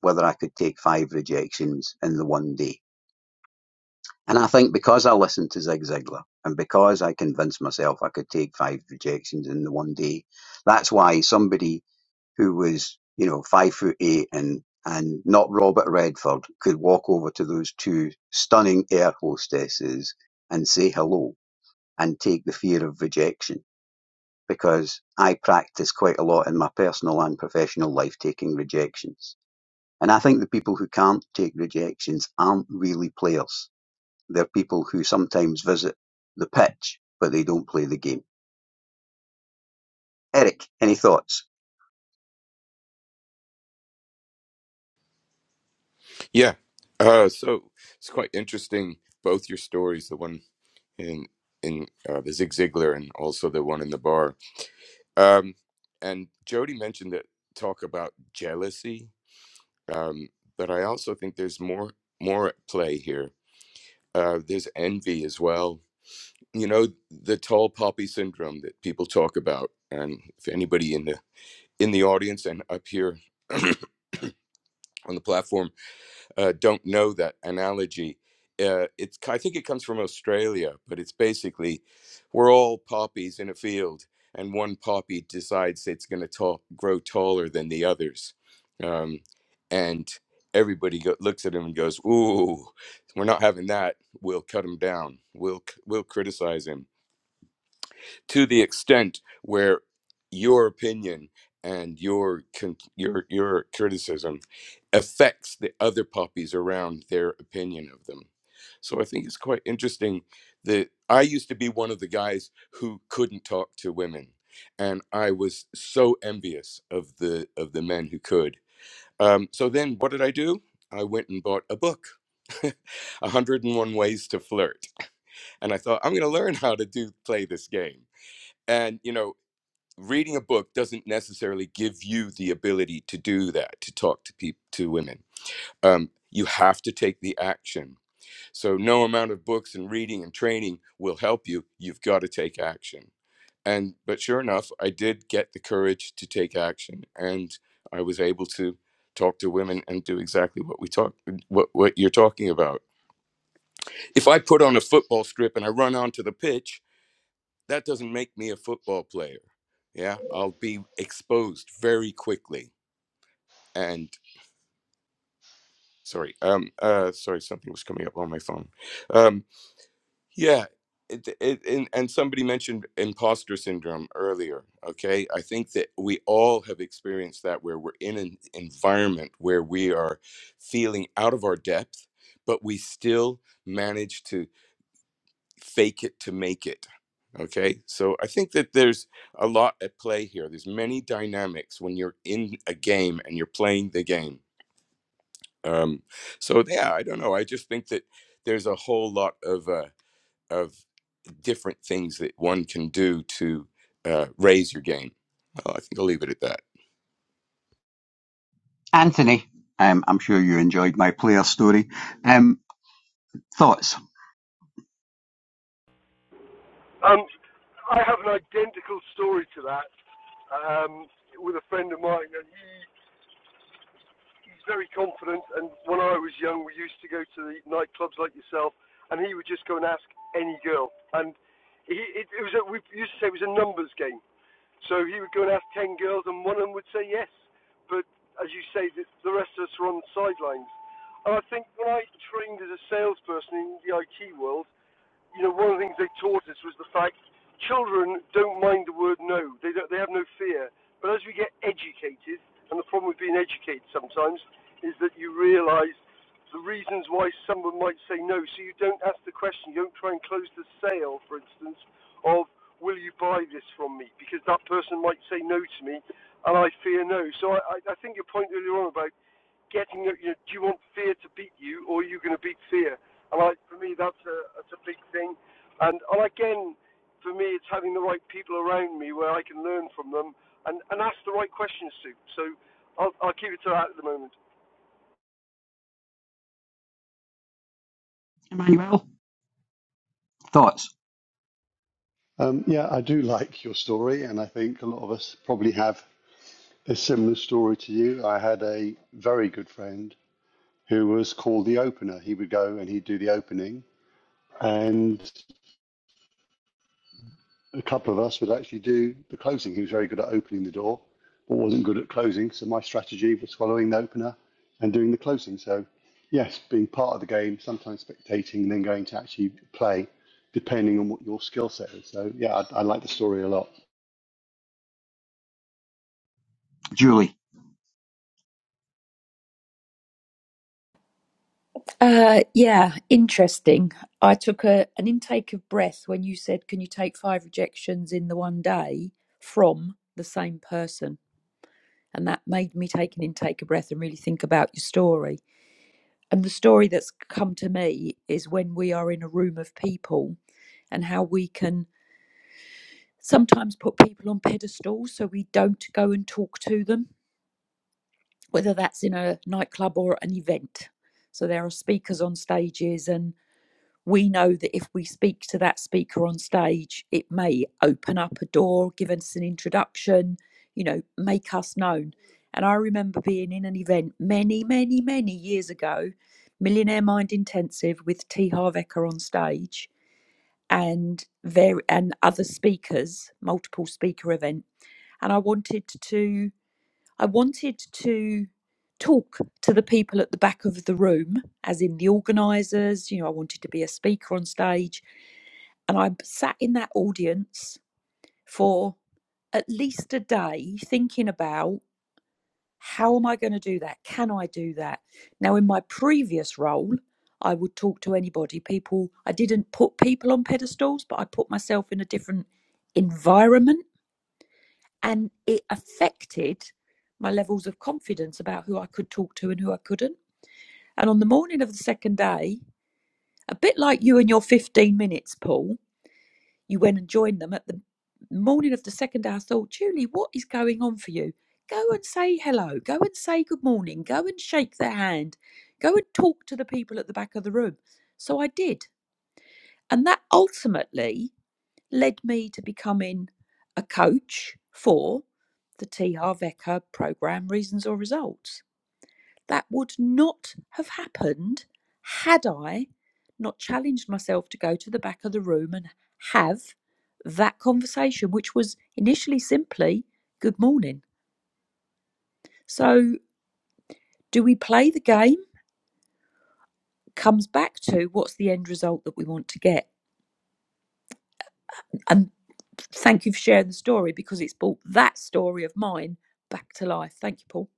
Speaker 4: whether I could take five rejections in the one day. And I think because I listened to Zig Ziglar and because I convinced myself I could take five rejections in the one day, that's why somebody who was, you know, five foot eight and and not Robert Redford could walk over to those two stunning air hostesses and say hello and take the fear of rejection because I practice quite a lot in my personal and professional life taking rejections. And I think the people who can't take rejections aren't really players. They're people who sometimes visit the pitch, but they don't play the game. Eric, any thoughts?
Speaker 6: Yeah. Uh, so it's quite interesting. Both your stories, the one in in uh, the Zig Ziglar and also the one in the bar. Um, and Jody mentioned that talk about jealousy, um, but I also think there's more more at play here. Uh, there's envy as well. You know the tall poppy syndrome that people talk about, and if anybody in the in the audience and up here on the platform uh, don't know that analogy. Uh, it's I think it comes from Australia, but it's basically we're all poppies in a field, and one poppy decides it's going to ta- grow taller than the others, um, and everybody go- looks at him and goes, "Ooh, we're not having that. We'll cut him down. We'll c- we'll criticize him." to the extent where your opinion and your con- your your criticism affects the other puppies around their opinion of them. So I think it's quite interesting that I used to be one of the guys who couldn't talk to women, and I was so envious of the of the men who could. Um, so then, what did I do? I went and bought a book, (laughs) 101 Ways to Flirt, and I thought I'm going to learn how to do play this game and you know reading a book doesn't necessarily give you the ability to do that to talk to people to women um, you have to take the action so no amount of books and reading and training will help you you've got to take action and but sure enough i did get the courage to take action and i was able to talk to women and do exactly what we talk what, what you're talking about if i put on a football strip and i run onto the pitch that doesn't make me a football player. Yeah, I'll be exposed very quickly. And sorry, um, uh, sorry, something was coming up on my phone. Um, yeah, it, it, and, and somebody mentioned imposter syndrome earlier. Okay, I think that we all have experienced that where we're in an environment where we are feeling out of our depth, but we still manage to fake it to make it. Okay. So I think that there's a lot at play here. There's many dynamics when you're in a game and you're playing the game. Um, so yeah, I don't know. I just think that there's a whole lot of uh, of different things that one can do to uh, raise your game. Well, I think I'll leave it at that.
Speaker 4: Anthony, um, I'm sure you enjoyed my player story. Um, thoughts?
Speaker 5: Um, I have an identical story to that um, with a friend of mine, and he, he's very confident. And when I was young, we used to go to the nightclubs like yourself, and he would just go and ask any girl. And he, it, it was a, we used to say it was a numbers game. So he would go and ask ten girls, and one of them would say yes. But as you say, the, the rest of us were on the sidelines. And I think when I trained as a salesperson in the IT world, you know, one of the things they taught us was the fact children don't mind the word no. They don't, they have no fear. But as we get educated, and the problem with being educated sometimes is that you realise the reasons why someone might say no. So you don't ask the question. You don't try and close the sale, for instance, of will you buy this from me? Because that person might say no to me, and I fear no. So I, I I think your point earlier on about getting your, your, do you want fear to beat you or are you going to beat fear? And I, for me, that's a that's a big thing. And and again, for me, it's having the right people around me where I can learn from them and, and ask the right questions to. So I'll, I'll keep it to that at the moment.
Speaker 4: Emmanuel? Thoughts?
Speaker 2: Um, yeah, I do like your story, and I think a lot of us probably have a similar story to you. I had a very good friend who was called the opener. He would go and he'd do the opening, and a couple of us would actually do the closing. He was very good at opening the door, but wasn't good at closing. So my strategy was following the opener and doing the closing. So yes, being part of the game, sometimes spectating, and then going to actually play, depending on what your skill set is. So yeah, I, I like the story a lot.
Speaker 4: Julie?
Speaker 3: Uh, yeah, interesting. I took a an intake of breath when you said, "Can you take five rejections in the one day from the same person?" And that made me take an intake of breath and really think about your story. And the story that's come to me is when we are in a room of people and how we can sometimes put people on pedestals so we don't go and talk to them, whether that's in a nightclub or an event. So there are speakers on stages, and. we know that if we speak to that speaker on stage, it may open up a door, give us an introduction, you know, make us known. And I remember being in an event many, many, many years ago, Millionaire Mind Intensive with T. Harv Eker on stage and very and other speakers, multiple speaker event. And I wanted to I wanted to talk to the people at the back of the room, as in the organisers, you know, I wanted to be a speaker on stage and I sat in that audience for at least a day thinking about how am I going to do that? Can I do that? Now, in my previous role, I would talk to anybody. People, I didn't put people on pedestals, but I put myself in a different environment and it affected my levels of confidence about who I could talk to and who I couldn't. And on the morning of the second day, a bit like you and your 15 minutes, Paul, You went and joined them at the morning of the second hour. I thought, Julie, what is going on for you? Go and say hello. Go and say good morning. Go and shake their hand. Go and talk to the people at the back of the room. So I did. And that ultimately led me to becoming a coach for the TR VECA program, Reasons or Results. That would not have happened had I not challenged myself to go to the back of the room and have that conversation, which was initially simply good morning. So, do we play the game? Comes back to what's the end result that we want to get. And thank you for sharing the story because it's brought that story of mine back to life. Thank you, Paul.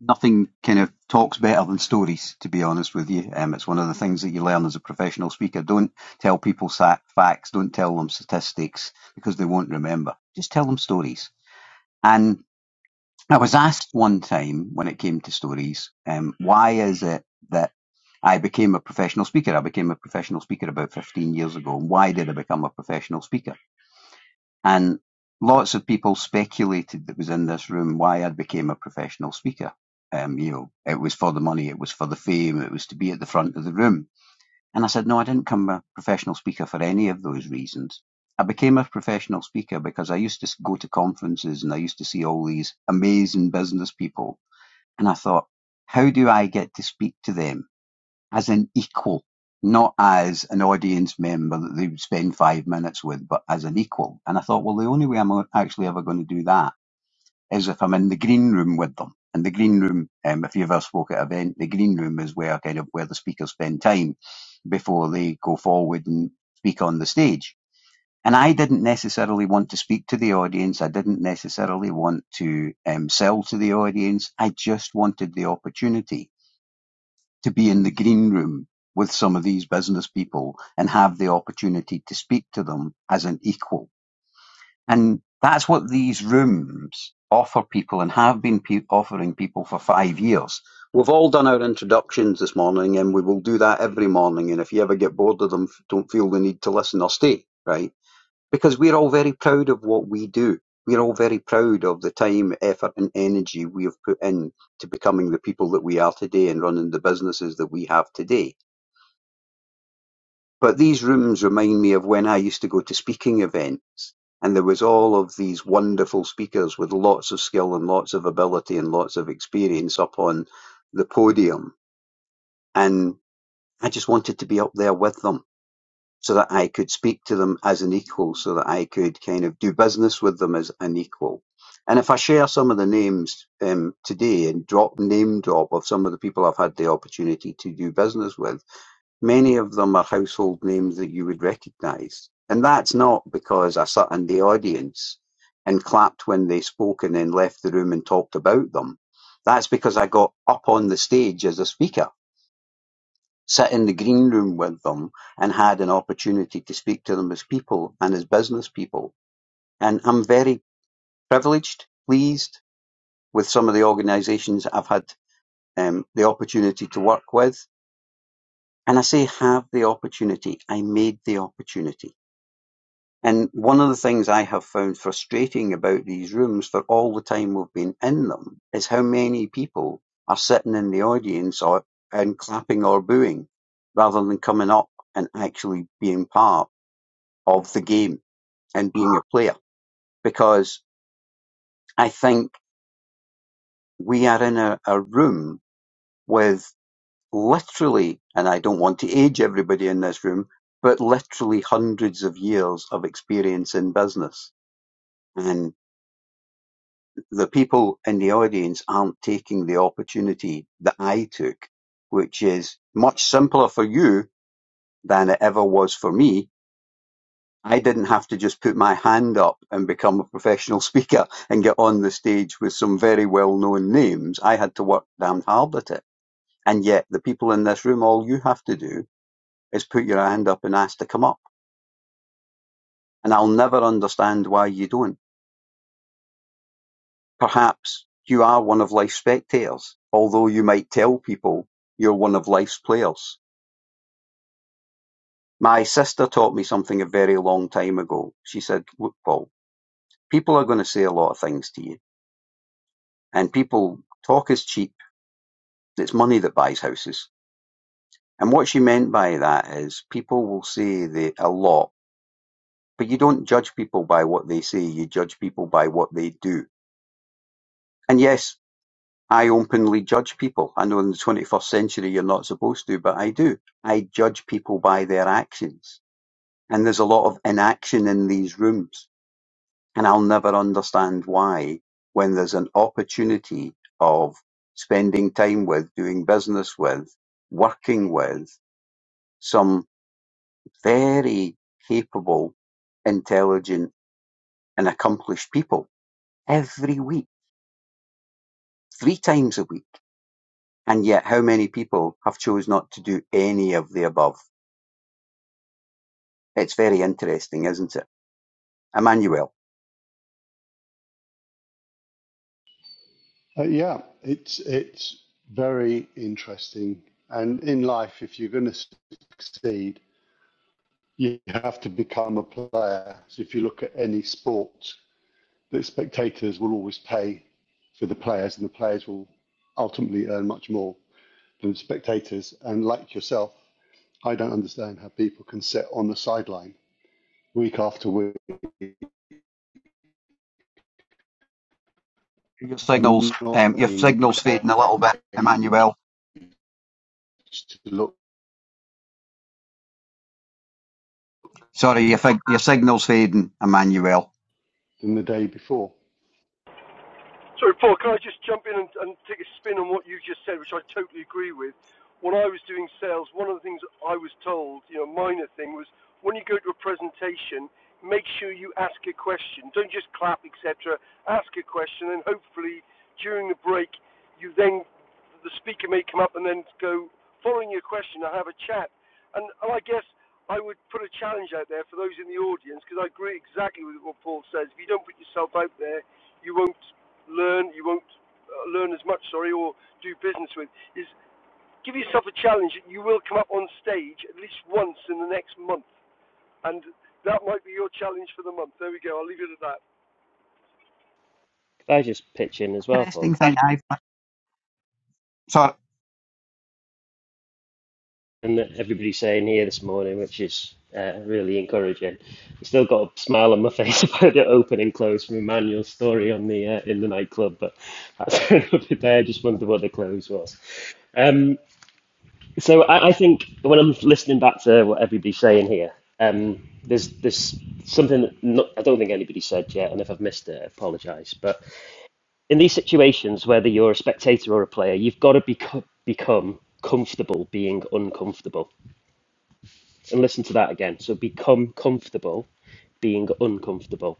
Speaker 4: nothing kind of talks better than stories, to be honest with you. Um, it's one of the things that you learn as a professional speaker. Don't tell people facts, don't tell them statistics because they won't remember. Just tell them stories. And I was asked one time when it came to stories, um, why is it that I became a professional speaker? I became a professional speaker about 15 years ago. And why did I become a professional speaker? And lots of people speculated that was in this room why I became a professional speaker. Um, you know, it was for the money, it was for the fame, it was to be at the front of the room. And I said, no, I didn't become a professional speaker for any of those reasons. I became a professional speaker because I used to go to conferences and I used to see all these amazing business people. And I thought, how do I get to speak to them? as an equal, not as an audience member that they would spend five minutes with, but as an equal. And I thought, well, the only way I'm actually ever going to do that is if I'm in the green room with them. And the green room, um, if you ever spoke at an event, the green room is where kind of where the speakers spend time before they go forward and speak on the stage. And I didn't necessarily want to speak to the audience. I didn't necessarily want to um, sell to the audience. I just wanted the opportunity to be in the green room with some of these business people and have the opportunity to speak to them as an equal. And that's what these rooms offer people and have been pe- offering people for five years. We've all done our introductions this morning and we will do that every morning. And if you ever get bored of them, don't feel the need to listen or stay, right? because we're all very proud of what we do. We're all very proud of the time, effort, and energy we have put in to becoming the people that we are today and running the businesses that we have today. But these rooms remind me of when I used to go to speaking events and there was all of these wonderful speakers with lots of skill and lots of ability and lots of experience up on the podium. And I just wanted to be up there with them so that I could speak to them as an equal, so that I could kind of do business with them as an equal. And if I share some of the names um, today and drop name drop of some of the people I've had the opportunity to do business with, many of them are household names that you would recognise. And that's not because I sat in the audience and clapped when they spoke and then left the room and talked about them. That's because I got up on the stage as a speaker sit in the green room with them and had an opportunity to speak to them as people and as business people. And I'm very privileged, pleased with some of the organisations I've had um, the opportunity to work with. And I say have the opportunity. I made the opportunity. And one of the things I have found frustrating about these rooms for all the time we've been in them is how many people are sitting in the audience or and clapping or booing rather than coming up and actually being part of the game and being a player because I think we are in a, a room with literally, and I don't want to age everybody in this room, but literally hundreds of years of experience in business. And the people in the audience aren't taking the opportunity that I took, which is much simpler for you than it ever was for me I didn't have to just put my hand up and become a professional (laughs) speaker and get on the stage with some very well known names. I had to work damned hard at it. And yet, the people in this room, all you have to do is put your hand up and ask to come up. And I'll never understand why you don't. Perhaps you are one of life's spectators, although you might tell people you're one of life's players. My sister taught me something a very long time ago. She said, Look, Paul, people are going to say a lot of things to you, and people talk is cheap It's money that buys houses. And what she meant by that is people will say they, a lot, but you don't judge people by what they say, you judge people by what they do. And yes, I openly judge people. I know in the 21st century you're not supposed to, but I do. I judge people by their actions. And there's a lot of inaction in these rooms. And I'll never understand why when there's an opportunity of spending time with, doing business with, working with some very capable, intelligent, and accomplished people every week, three times a week. And yet, how many people have chose not to do any of the above? It's very interesting, isn't it? Emmanuel.
Speaker 2: Uh, yeah, it's it's very interesting. And in life, if you're going to succeed, you have to become a player. So if you look at any sport, that spectators will always pay for the players, and the players will ultimately earn much more than the spectators. And like yourself, I don't understand how people can sit on the sideline week after week
Speaker 4: Your signals,
Speaker 2: and not
Speaker 4: um, your signals
Speaker 2: engage
Speaker 4: fading a little bit, Emmanuel.
Speaker 2: to look
Speaker 4: Sorry, your, fig- your signals fading, Emmanuel.
Speaker 2: than the day before.
Speaker 5: Sorry, Paul, can I just jump in and, and take a spin on what you just said, which I totally agree with? When I was doing sales, one of the things I was told, you know, a minor thing was when you go to a presentation, make sure you ask a question. Don't just clap, etc. Ask a question, and hopefully during the break, you then the speaker may come up and then go, following your question, I have a chat. And, and I guess I would put a challenge out there for those in the audience because I agree exactly with what Paul says. If you don't put yourself out there, you won't learn, you won't uh, learn as much, sorry, or do business with. Is give yourself a challenge. that You will come up on stage at least once in the next month, and that might be your challenge for the month. There we go. I'll leave it at that.
Speaker 11: Could I just pitch in as well, Paul?
Speaker 4: Interesting thing. I've, Sorry,
Speaker 11: And that everybody's saying here this morning, which is uh, really encouraging. I still got a smile on my (laughs) face about the open and close from Emmanuel's story on the uh, in the nightclub, but that's (laughs) another day. I just wondered what the close was. Um, So I, I think when I'm listening back to what everybody's saying here, um, there's there's something that not, I don't think anybody said yet, and if I've missed it, I apologise. But in these situations, whether you're a spectator or a player, you've got to beco- become comfortable being uncomfortable. And listen to that again. So become comfortable being uncomfortable.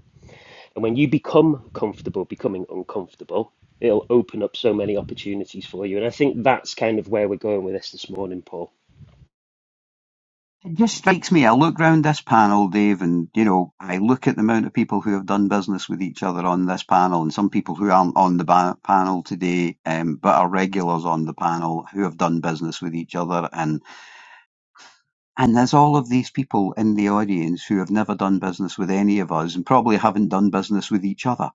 Speaker 11: And when you become comfortable becoming uncomfortable, it'll open up so many opportunities for you. And I think that's kind of where we're going with this this morning, Paul
Speaker 4: It just strikes me, I look round this panel, Dave, and you know, I look at the amount of people who have done business with each other on this panel, and some people who aren't on the ba- panel today, um, but are regulars on the panel who have done business with each other, and and there's all of these people in the audience who have never done business with any of us and probably haven't done business with each other.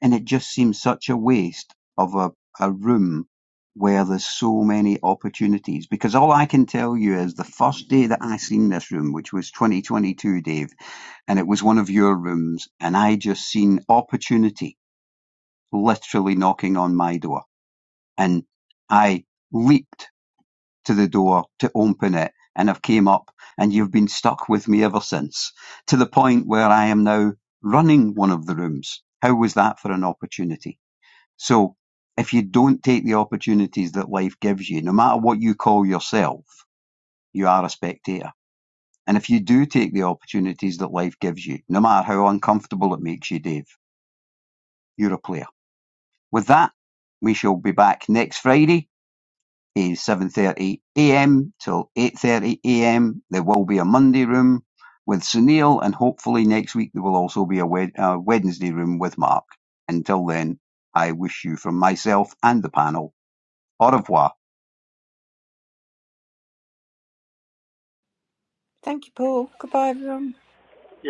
Speaker 4: And it just seems such a waste of a, a room where there's so many opportunities. Because all I can tell you is the first day that I seen this room, which was 2022, Dave, and it was one of your rooms, and I just seen opportunity literally knocking on my door. And I leaped to the door to open it and I've came up and you've been stuck with me ever since to the point where I am now running one of the rooms. How was that for an opportunity? So if you don't take the opportunities that life gives you, no matter what you call yourself, you are a spectator. And if you do take the opportunities that life gives you, no matter how uncomfortable it makes you, Dave, you're a player. With that, we shall be back next Friday 7.30 a.m. till 8.30 a.m. There will be a Monday room with Sunil and hopefully next week there will also be a, Wed- a Wednesday room with Mark. Until then, I wish you from myself and the panel au revoir.
Speaker 1: Thank you, Paul. Goodbye, everyone.
Speaker 5: Yeah.